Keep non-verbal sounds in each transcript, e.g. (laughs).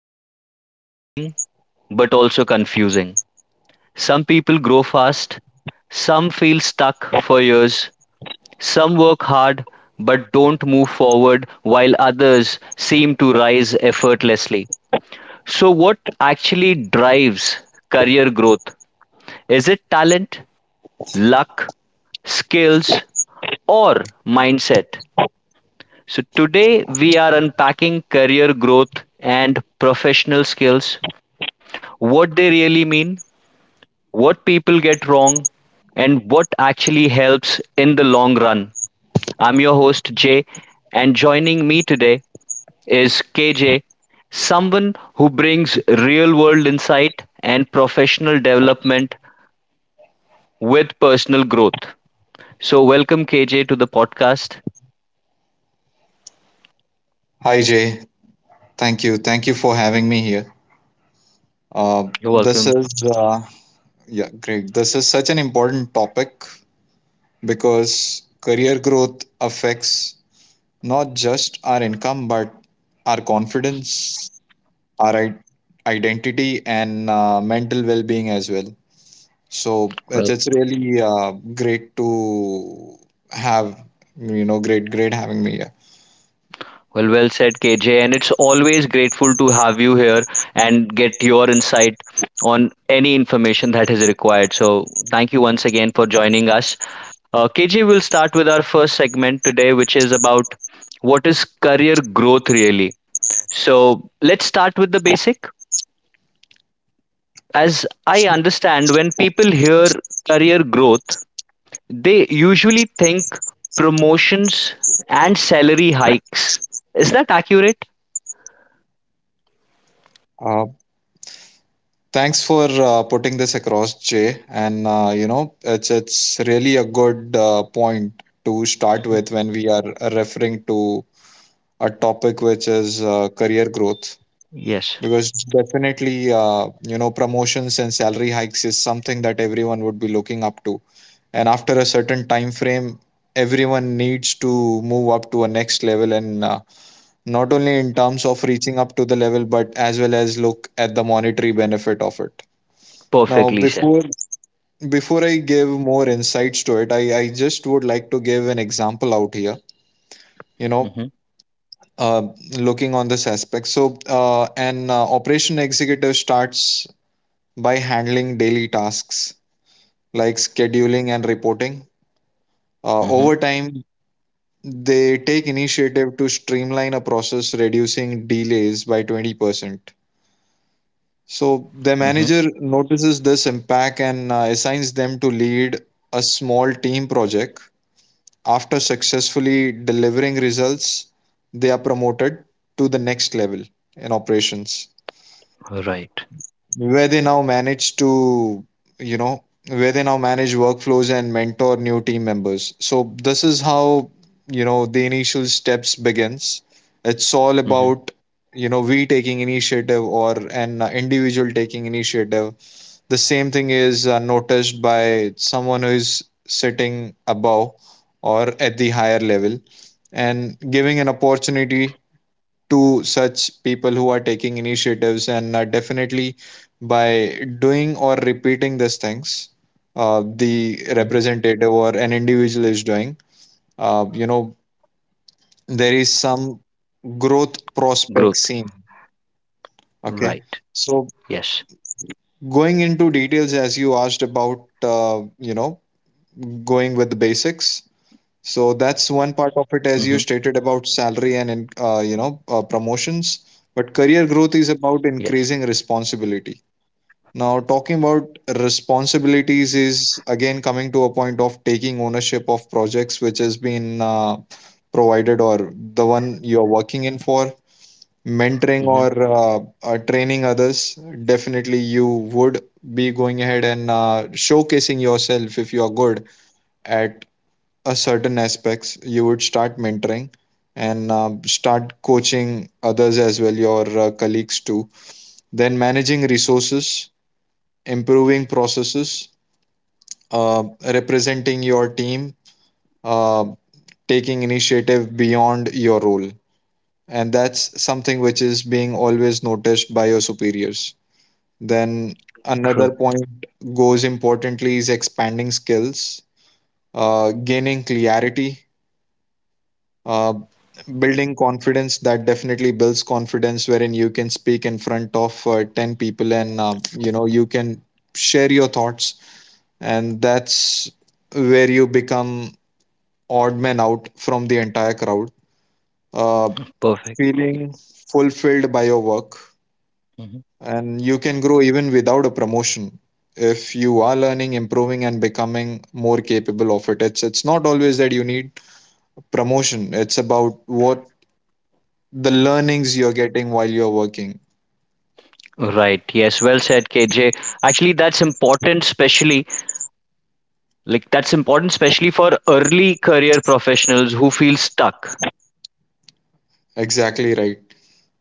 sound exciting but also confusing. Some people grow fast, some feel stuck for years, some work hard but don't move forward, while others seem to rise effortlessly. So, what actually drives career growth? Is it talent, luck, skills, or mindset? So today we are unpacking career growth and professional skills, what they really mean, what people get wrong, and what actually helps in the long run. I'm your host Jay, and joining me today is KJ, someone who brings real world insight and professional development with personal growth. So, welcome KJ to the podcast. Hi Jay, thank you. Thank you for having me here. Uh, You're this welcome. is uh, yeah, great. This is such an important topic because career growth affects not just our income but our confidence, our i- identity, and mental well-being as well. So it's really great to have you know great great having me here. Well, well said, KJ. And it's always grateful to have you here and get your insight on any information that is required. So, thank you once again for joining us. KJ, we'll start with our first segment today, which is about what is career growth really. So, let's start with the basic. As I Sure. understand, when people hear career growth, they usually think promotions and salary hikes. Is that accurate? Uh, Thanks for putting this across, Jay. And it's really a good point to start with when we are referring to a topic which is career growth, Yes, because definitely, promotions and salary hikes is something that everyone would be looking up to. And after a certain time frame, everyone needs to move up to a next level, and not only in terms of reaching up to the level, but as well as look at the monetary benefit of it. Now, perfectly said. before I give more insights to it, I just would like to give an example out here, you know, Mhm, uh, looking on this aspect. So, an operation executive starts by handling daily tasks like scheduling and reporting. Over mhm, time, they take initiative to streamline a process, reducing delays by 20%. mhm. So, the manager notices this impact and assigns them to lead a small team project. After successfully delivering results, they are promoted to the next level in operations, Right. where they now manage to, you know, where they now manage workflows and mentor new team members. So this is how, you know, the initial steps begins. It's all Mhm, about, you know, we taking initiative or an individual taking initiative, the same thing is noticed by someone who is sitting above or at the higher level and giving an opportunity to such people who are taking initiatives, and definitely by doing or repeating these things, the mhm. representative or an individual is doing, you know, there is some growth Growth. prospect seen. Okay, Right. so Yes. going into details as you asked about, going with the basics. So Mhm. that's one part of it, as you stated about salary and promotions. But career Yes. growth is about increasing responsibility. Now, talking about responsibilities is again coming to a point of taking ownership of projects which has been provided or the one you're working in for, mentoring Mhm. or training others. Definitely, you would be going ahead and showcasing yourself. If you are good at a certain aspects, you would start mentoring and start coaching others as well, your colleagues too, then managing resources, improving processes, uh, representing your team, uh, taking initiative beyond your role, and that's something which is being always noticed by your superiors. Then True. another point goes importantly is expanding skills, gaining clarity, uh, building confidence. That definitely builds confidence, wherein you can speak in front of 10 people and, you know, you can share your thoughts, and that's where you become odd man out from the entire crowd, uh, Perfect. Y- feeling fulfilled by your work, Mhm. and you can grow even without a promotion. If you are learning, improving and becoming more capable of it, it's not always that you need promotion. It's about what the learnings you're getting while you're working. Right. Yes. Well said, KJ. Actually, that's important, especially for early career professionals who feel stuck. Exactly right.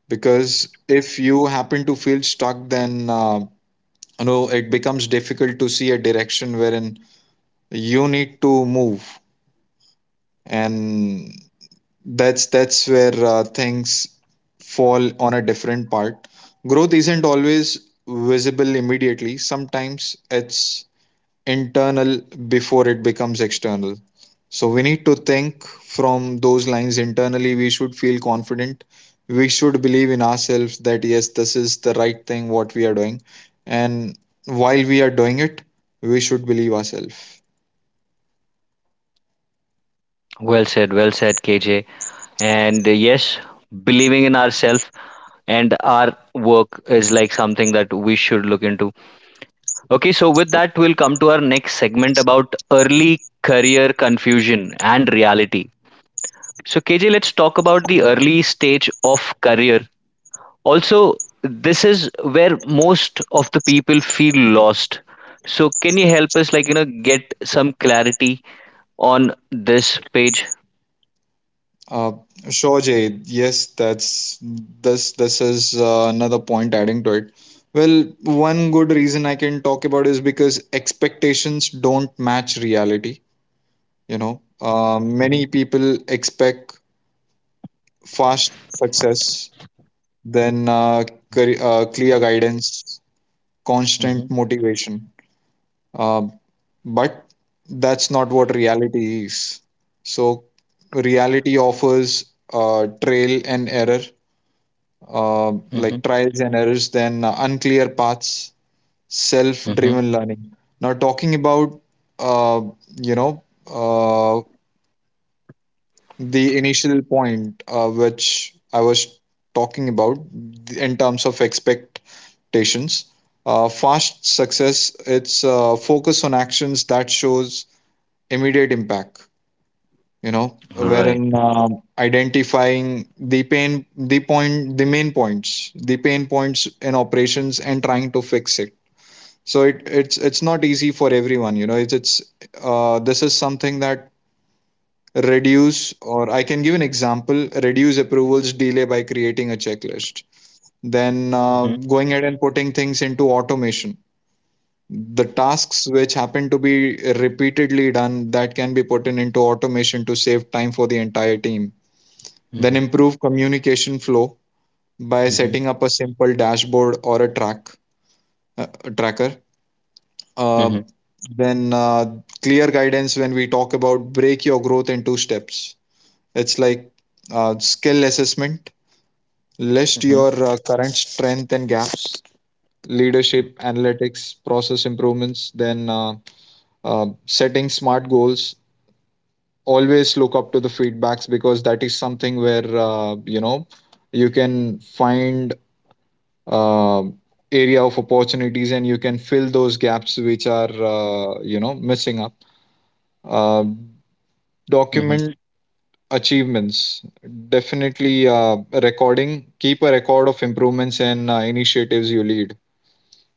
Because if you happen to feel stuck, then you know, it becomes difficult to see a direction wherein you need to move, and that's where things fall on a different part. Growth isn't always visible immediately. Sometimes it's internal before it becomes external. So we need to think from those lines internally. We should feel confident. We should believe in ourselves that yes, this is the right thing what we are doing, and while we are doing it, we should believe ourselves. Well said. Well said, KJ. And yes, believing in ourselves and our work is like something that we should look into. Okay, so with that, we'll come to our next segment about early career confusion and reality. So, KJ, let's talk about the early stage of career. Also, this is where most of the people feel lost. So, can you help us, like, get some clarity on this page? Uh, sure, Jay. Yes, that's this. This is another point adding to it. Well, one good reason I can talk about is because expectations don't match reality, you know. Mm-hmm. Many people expect fast success, then clear guidance, constant motivation, uh, but that's not what reality is. So reality offers trail and error like Hmm. trials and errors, then unclear paths, self driven Hmm. learning. Now talking about uh, you know uh, the initial point which I was talking about in terms of expectations. Fast success, it's focus on actions that shows immediate impact, you know, wherein Right. Identifying the pain, the point, the main points, the pain points in operations and trying to fix it. So it's not easy for everyone, you know. It's This is something that reduce or I can give an example. Reduce approvals delay by creating a checklist, then going Mm-hmm. ahead and putting things into automation. The tasks which happen to be repeatedly done, that can be put in into automation to save time for the entire team. Then improve Hmm. communication flow by setting up a Hmm. simple dashboard or a tracker. Uh, then Clear guidance, when we talk about, break your growth into steps. It's like skill assessment, list your Hmm. current strength and gaps, leadership, analytics, process improvements, then setting smart goals. Always look up to the feedbacks because that is something where you know, you can find uh, area of opportunities and you can fill those gaps which are you know missing up. Uh, Hmm. Document achievements. Definitely recording, keep a record of improvements and initiatives you lead.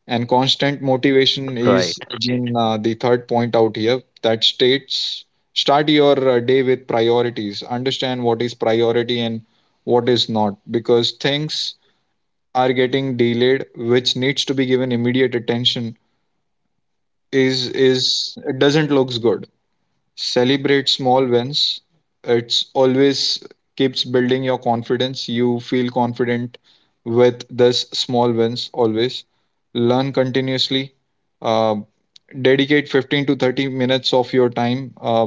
And constant motivation Right. is again the third point out here, that states start your day with priorities. Understand what is priority and what is not, because things are getting delayed which needs to be given immediate attention. Is It doesn't looks good. Celebrate small wins. It's always keeps building your confidence. You feel confident with this small wins. Always learn continuously. uh, Dedicate 15 to 30 minutes of your time uh,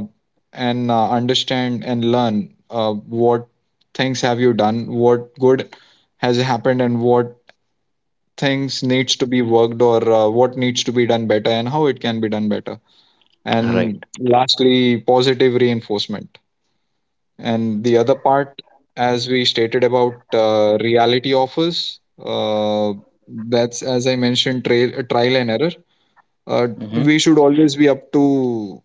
and uh, understand and learn what things have you done, what good has happened, and what things needs to be worked, or what needs to be done better and how it can be done better. And Right. lastly, positive reinforcement. And the other part, as we stated about reality offers, that's, as I mentioned, trial and error, we Hmm. should always be up to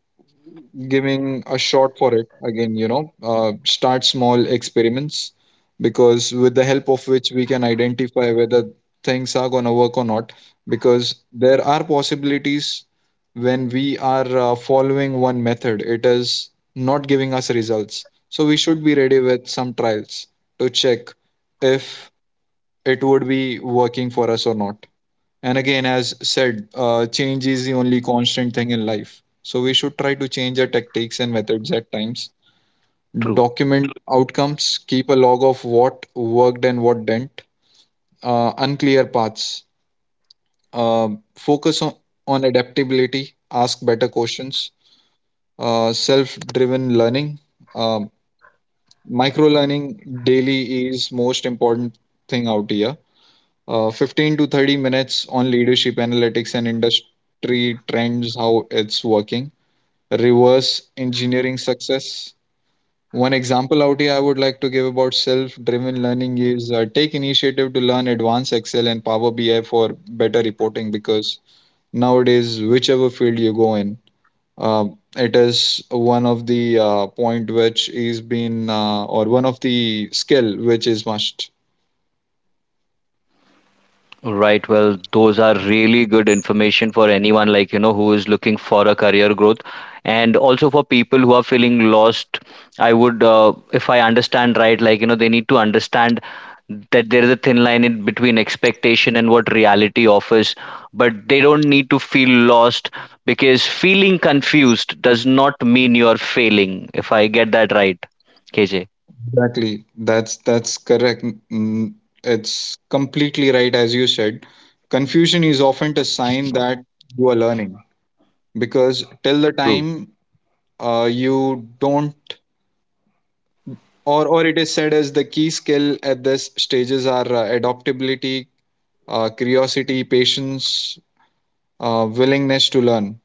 giving a shot for it again, you know. Start small experiments, because with the help of which we can identify whether things are going to work or not, because there are possibilities when we are following one method, it is not giving us results. So we should be ready with some trials to check if it would be working for us or not. And again, as said, change is the only constant thing in life. So we should try to change our tactics and methods at times. True. Document outcomes, keep a log of what worked and what didn't. Unclear paths, Um focus on adaptability, ask better questions. Self driven learning, um, micro learning daily is most important thing out here. 15 to 30 minutes on leadership analytics and industry trends, how it's working, reverse engineering success. One example out here I would like to give about self driven learning is, take initiative to learn advanced Excel and Power BI for better reporting, because nowadays, whichever field you go in, uh, it is one of the point which is been or one of the skill which is must. Right. Well, those are really good information for anyone like, who is looking for a career growth, and also for people who are feeling lost. If I understand right, like, they need to understand that there is a thin line in between expectation and what reality offers, but they don't need to feel lost because feeling confused does not mean you're failing, if I get that right, KJ. Exactly. That's correct. Mm, It's completely right as you said. Confusion is often a sign that you are learning. Because till the True. time you don't or it is said, as the key skill at this stages are adaptability, curiosity, patience, willingness to learn.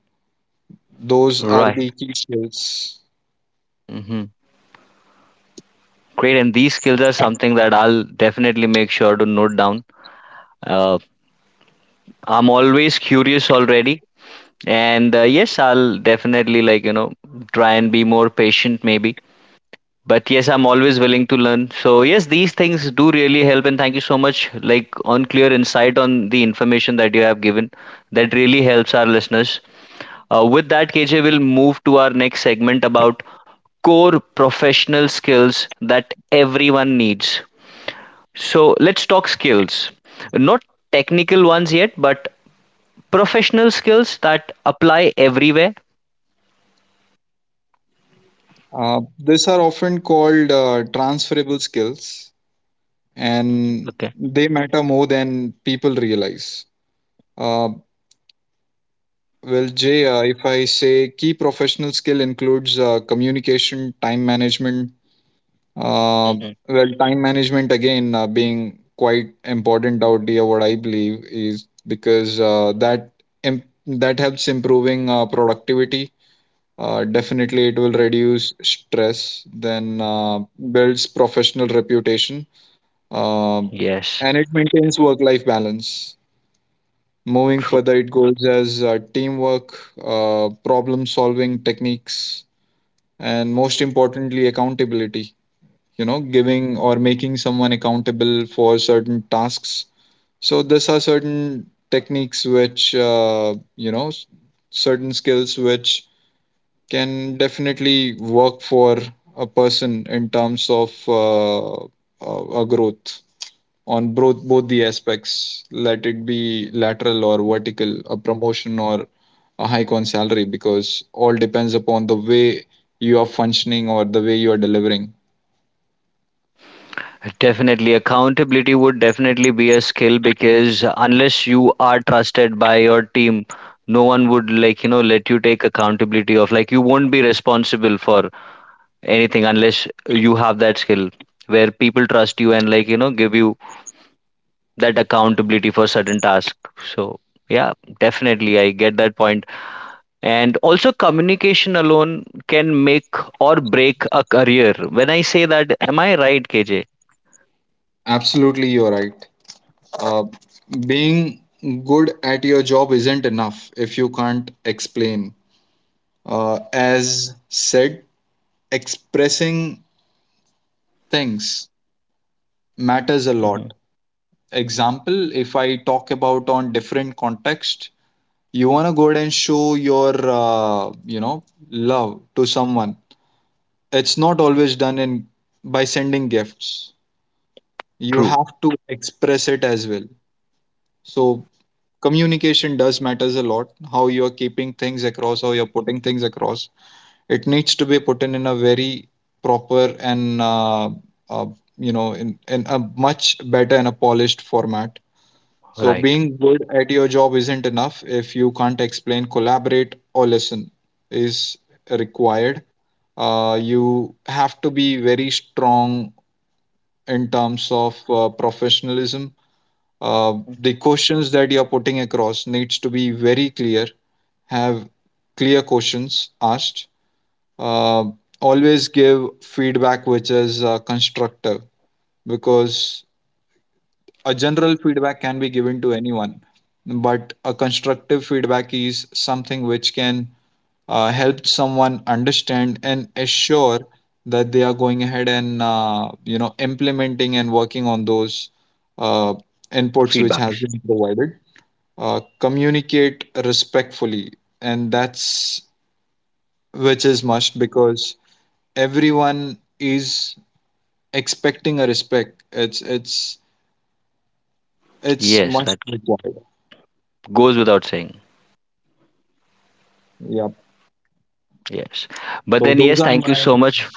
Those are Right. the key skills. Hmm. Great, and these skills are something that I'll definitely make sure to note down. Uh, I'm always curious already, and yes, I'll definitely like try and be more patient maybe. But yes, I'm always willing to learn. So yes, these things do really help, and thank you so much, like on clear insight on the information that you have given. That really helps our listeners. With that, KJ will move to our next segment about core professional skills that everyone needs. So let's talk skills. Not technical ones yet, but professional skills that apply everywhere. These are often called transferable skills, and Okay. they matter more than people realize. Uh, well, Jay, if I say key professional skill includes communication, time management, uh, Hmm. well, time management again being quite important out here, what I believe is because that helps improving productivity. Definitely, it will reduce stress, then builds professional reputation, uh, and Yes. it maintains work-life balance. Moving further, True. it goes as teamwork, problem solving techniques, and most importantly, accountability. You know, giving or making someone accountable for certain tasks. So, these are certain techniques which, certain skills which can definitely work for a person in terms of a growth on both the aspects, let it be lateral or vertical, a promotion or a hike on salary, because all depends upon the way you are functioning or the way you are delivering. Definitely, accountability would definitely be a skill because unless you are trusted by your team, no one would like let you take accountability of, like, you won't be responsible for anything unless you have that skill where people trust you and like give you that accountability for certain tasks. So yeah, definitely I get that point. And also communication alone can make or break a career. When I say that, am I right, KJ? Absolutely, you're right. Uh, Being good at your job isn't enough if you can't explain. As said, expressing things matters a lot. Hmm. Example, if I talk about on different context, you want to go ahead and show your love to someone. It's not always done in by sending gifts. You True, have to express it as well, so communication does matters a lot, how you are keeping things across, how you're putting things across. It needs to be put in a very proper and uh, in a much better and a polished format. So right. being good at your job isn't enough if you can't explain, collaborate, or listen is required. You have to be very strong in terms of professionalism. uh, the questions that you're putting across needs to be very clear. Have clear questions asked. uh, Always give feedback which is constructive, because a general feedback can be given to anyone, but a constructive feedback is something which can help someone understand and assure that they are going ahead and implementing and working on those uh, inputs which has Feedbacks. been provided. Communicate respectfully, and that's which is must, because everyone is expecting a respect. It's it's Yes, much. that goes without saying. Yeah. Yes. But So then yes, thank you so much.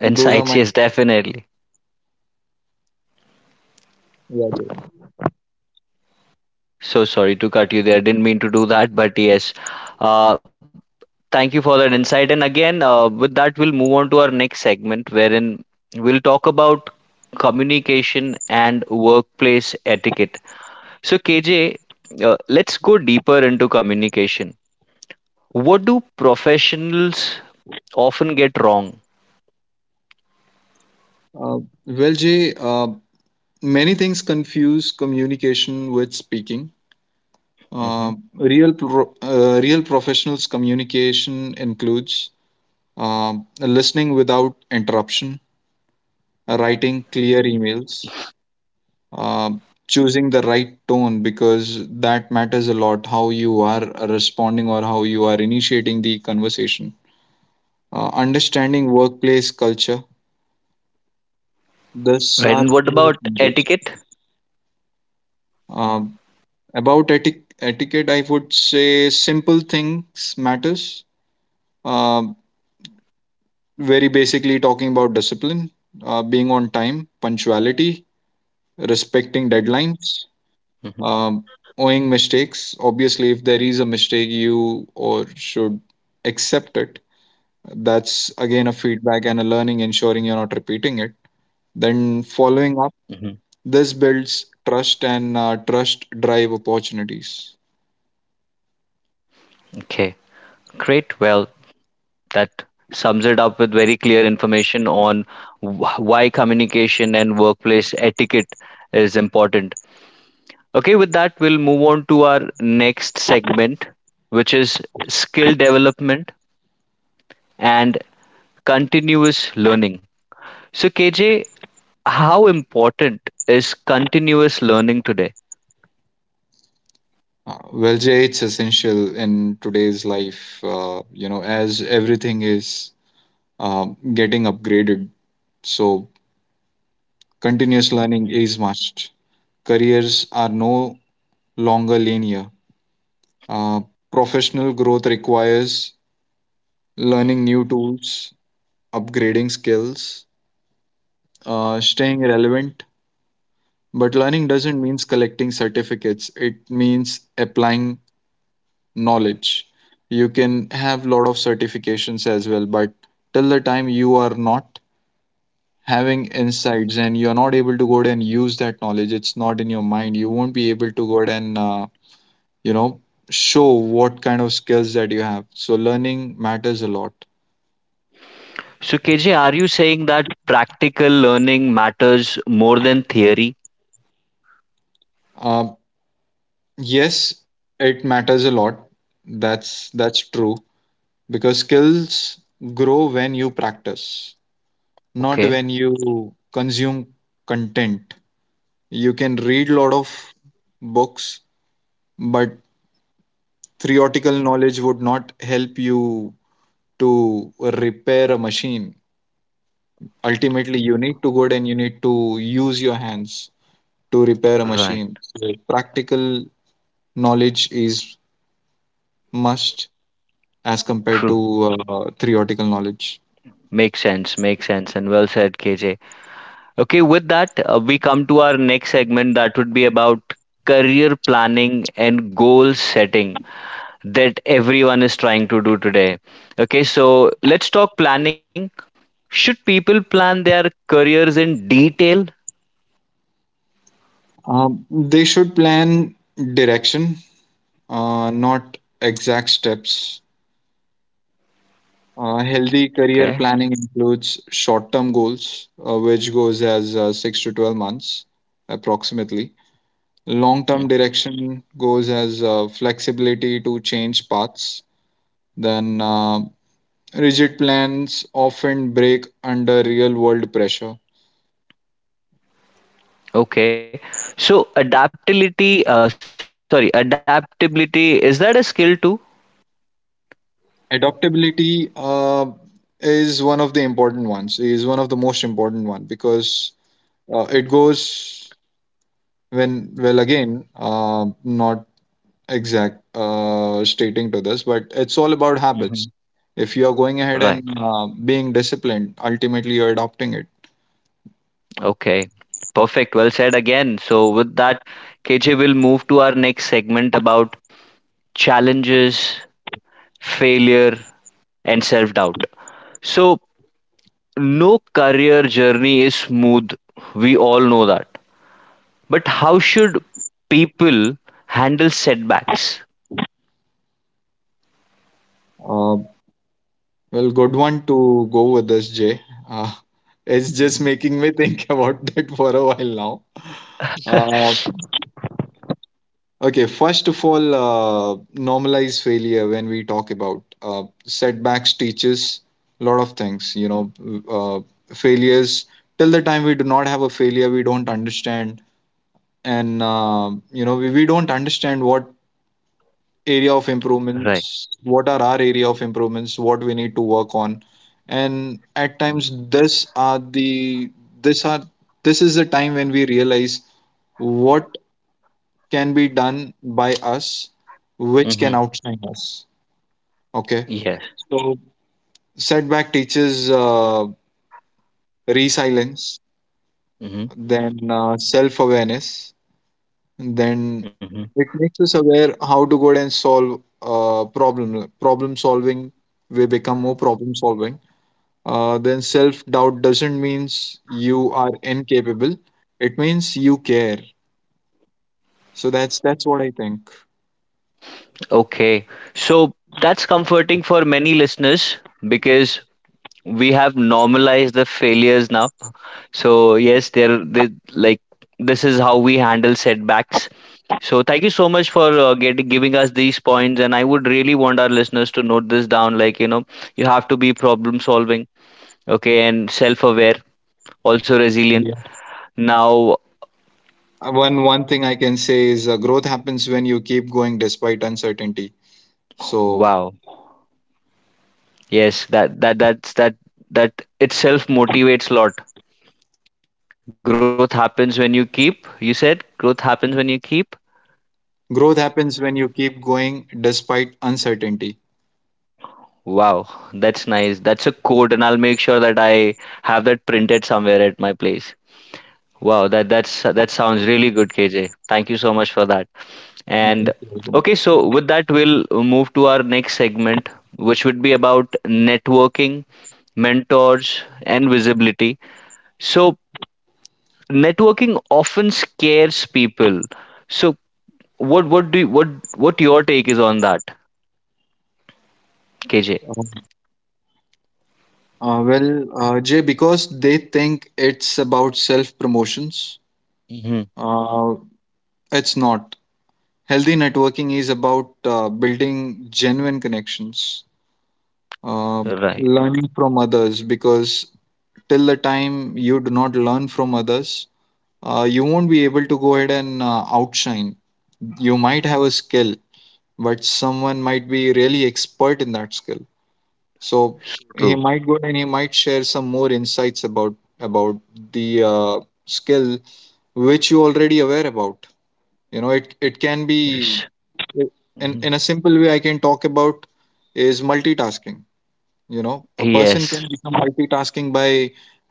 those are my, yes, definitely. yeah, Jay. So sorry to cut you there. Didn't mean to do that, but yes. Uh Thank you for that insight. And again, with that, we'll move on to our next segment wherein we'll talk about communication and workplace etiquette. So, KJ, let's go deeper into communication. What do professionals often get wrong? Uh, well, jay, many things confuse communication with speaking. uh, Hmm. Real professionals communication includes um listening without interruption, writing clear emails, uh, choosing the right tone, because that matters a lot how you are responding or how you are initiating the conversation. Understanding workplace culture. These Right. are And what few about things. etiquette? Um about etiquette, I would say simple things matters. Um Very basically, talking about discipline, being on time, punctuality, respecting Hmm. deadlines, um, owing mistakes. Obviously, if there is a mistake, you or should accept it. That's again a feedback and a learning, ensuring you're not repeating it. Then following Hmm. up, this builds trust, and trust drive opportunities. Okay, great. Well, that sums it up with very clear information on why communication and workplace etiquette is important. Okay, with that, we'll move on to our next segment, which is skill development and continuous learning. So, KJ, how important is continuous learning today? Well, Jay, it's essential in today's life, as everything is getting upgraded. So continuous learning Mhm. is must. Careers are no longer linear. Uh, Professional growth requires learning new tools, upgrading skills, staying relevant. But learning doesn't mean collecting certificates, it means applying knowledge. You can have lot of certifications as well, but till the time you are not having insights and you are not able to go ahead and use that knowledge, it's not in your mind. You won't be able to go ahead and, you know, show what kind of skills that you have. So learning matters a lot. So, KJ, are you saying that practical learning matters more than theory? Uh, Yes, it matters a lot. That's true, because skills grow when you practice, not Okay, when you consume content. You can read a lot of books, but theoretical knowledge would not help you to repair a machine. Ultimately, you need to go and you need to use your hands to repair a right, machine. So practical knowledge is must as compared true. to theoretical knowledge. Makes sense, and well said, KJ. Okay, with that, we come to our next segment that would be about career planning and goal setting that everyone is trying to do today. Okay, so let's talk planning. Should people plan their careers in detail? They should plan direction, not exact steps. Healthy career planning Okay. includes short-term goals, which goes as 6 to 12 months, approximately. Long-term Mm. direction goes as flexibility to change paths. Then rigid plans often break under real-world pressure. Okay, so adaptability, adaptability, is that a skill too? Adaptability is one of the most important one, because it goes when, well, again, not exact stating to this, but it's all about habits. Mhm. If you are going ahead Right. and being disciplined, ultimately you're adopting it. Okay. Perfect. Well said again. So, with that, KJ will move to our next segment about challenges, failure, and self doubt. So, no career journey is smooth. We all know that. But how should people handle setbacks? uh, well, good one to go with this, jay. uh, (laughs) Mhm. it's just making me think (laughs) about that for a while now. (laughs) uh, Okay, first of all, normalize failure. When we talk about setbacks teaches a lot of things. You know, failures. Till the time we do not have a failure, we don't understand, and we don't understand what area of Right. improvements, what are our area of improvements, what we need to work on, and at times this are the this are this is the time when we realize what can be done by us which can Mhm. outshine us. Okay. Yes. So setback teaches resilience, Mhm. then self-awareness, then Mhm. it makes us aware how to go ahead and solve problem solving. We become more problem solving. Then self-doubt doesn't means you are incapable, it means you care. So that's what I think. Okay. So that's comforting for many listeners because we have normalized the failures now. So yes, there they like this is how we handle setbacks. So thank you so much for getting giving us these points, and I would really want our listeners to note this down, like you have to be problem solving, okay, and self-aware, also resilient Yeah. now. One thing I can say is growth happens when you keep going despite uncertainty. So Wow, yes, that that that's that that itself motivates a lot. Growth happens when you keep You said growth happens when you keep. growth happens when you keep going despite uncertainty. Wow, that's nice. That's a quote, and I'll make sure that I have that printed somewhere at my place. Wow, that sounds really good, KJ. Thank you so much for that. uh, And okay, so with that, we'll move to our next segment, which would be about networking, mentors, and visibility. So networking often scares people. So what what do you, what what your take is on that, KJ? well, jay, because they think it's about self promotions. Hmm. uh, it's not. Healthy networking is about building genuine connections, uh, Right. learning from others, because till the time you do not learn from others, you won't be able to go ahead and outshine. You might have a skill, but someone might be really expert in that skill. So So he true. might go and he might share some more insights about the skill which you already aware about. You know, it can be Yes. Hmm. in a simple way. I can talk about is multitasking. You know, a person Yes. can become multitasking by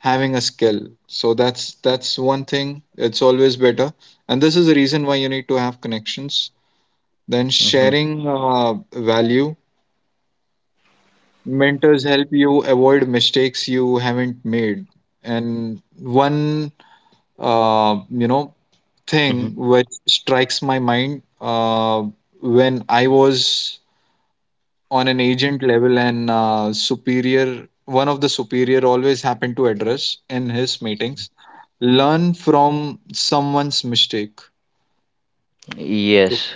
having a skill. So that's one thing, it's always better, and this is the reason why you need to have connections. Then Hmm. sharing value. Mentors help you avoid mistakes you haven't made. And one, uh, you know thing Hmm. which strikes my mind, when I was on an agent level, and superior one of the superior always happened to address in his meetings, learn from someone's mistake. Yes.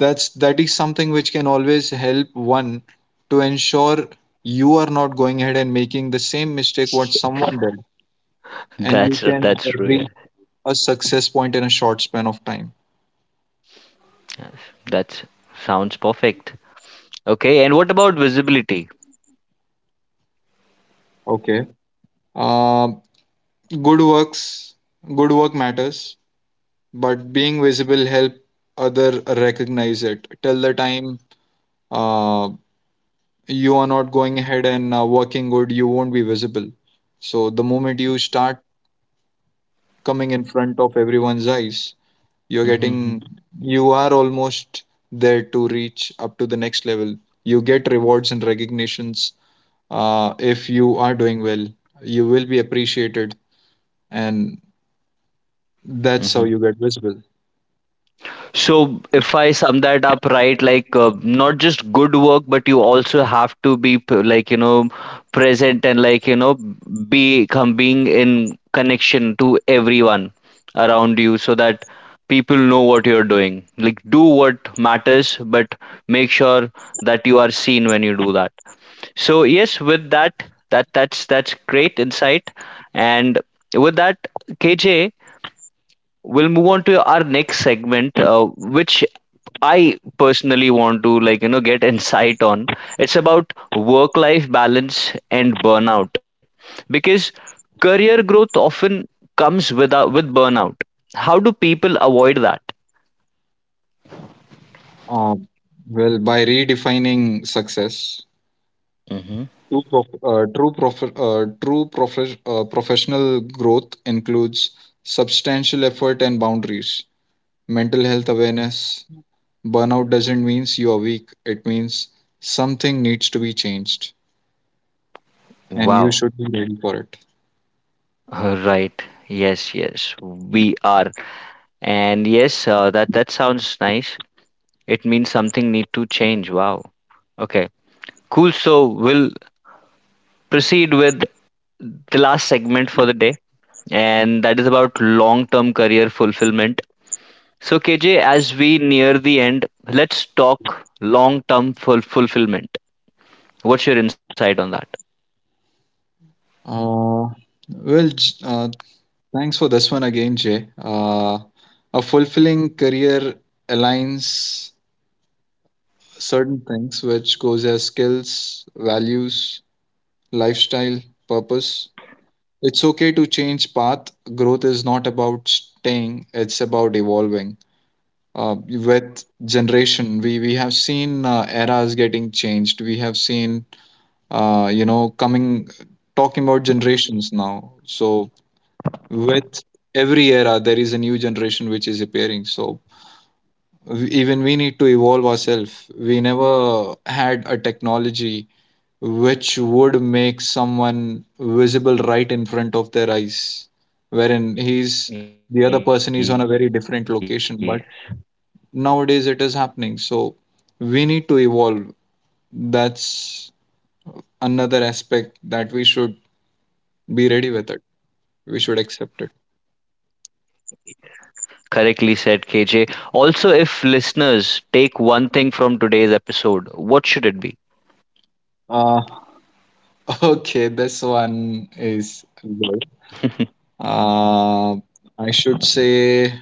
That is something which can always help one to ensure you are not going ahead and making the same mistake what someone did, and you That's can that's true. Yeah. reach a success point in a short span of time. That sounds perfect. Okay. And what about visibility? Okay. Um good works Good work matters, but being visible help other recognize it. Till the time uh, you are not going ahead and working good, you won't be visible. So the moment you start coming in front of everyone's eyes, you're getting, Hmm. you are almost there to reach up to the next level. You get rewards and recognitions. If you are doing well, you will be appreciated, and that's how Hmm. you get visible. So, if I sum that up right, like not just good work, but you also have to be like present, and like be come being in connection to everyone around you, so that people know what you're doing. Like do what matters, but make sure that you are seen when you do that. So yes, with that, that's great insight, and with that, KJ, we'll move on to our next segment, which I personally want to like get insight on. It's about work life balance and burnout because career growth often comes without with burnout. How do people avoid that? um, well, by redefining success. Hmm. True professional growth includes substantial effort and boundaries, mental health awareness. Burnout doesn't mean you are weak, it means something needs to be changed, and you Wow. should be ready for it. Right. Yes, yes. We are. And yes, that sounds nice. It means something need to change. Wow. Okay. Cool. So we'll proceed with the last segment for the day, and that is about long term career fulfillment. So, KJ, as we near the end, let's talk long term fulfillment. What's your insight on that? Uh, well, thanks for this one again, Jay. A fulfilling career aligns certain things which goes as skills, values, lifestyle, purpose. It's okay to change path. Growth is not about staying, it's about evolving. With generation, we have seen eras getting changed. We have seen, coming, talking about generations now. So with every era, there is a new generation which is appearing. So even we need to evolve ourselves. We never had a technology which would make someone visible right in front of their eyes, wherein Yeah, he's the other person is on a very different location. But nowadays it is happening. So we need to evolve. That's another aspect that we should be ready with it. We should accept it. correctly said, KJ. Also, if listeners take one thing from today's episode, what should it be? Uh, (laughs) okay, this one is (laughs) good. Uh, I should say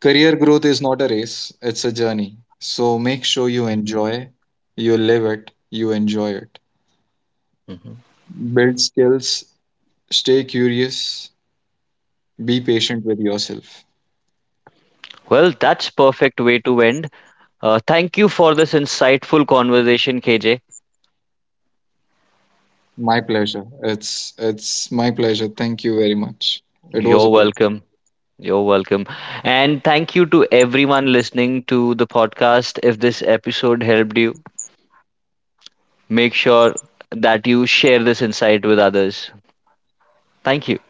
career growth is not a race, it's a journey. So make sure you Mhm, enjoy, you live it, you enjoy it. mhm. Build skills, stay curious, be patient with yourself. Well, that's perfect way to end. Thank you for this insightful conversation, KJ. My pleasure. It's my pleasure. Thank you very much. It was a You're pleasure. welcome. You're welcome. And thank you to everyone listening to the podcast. If this episode helped you, make sure that you share this insight with others. Thank you.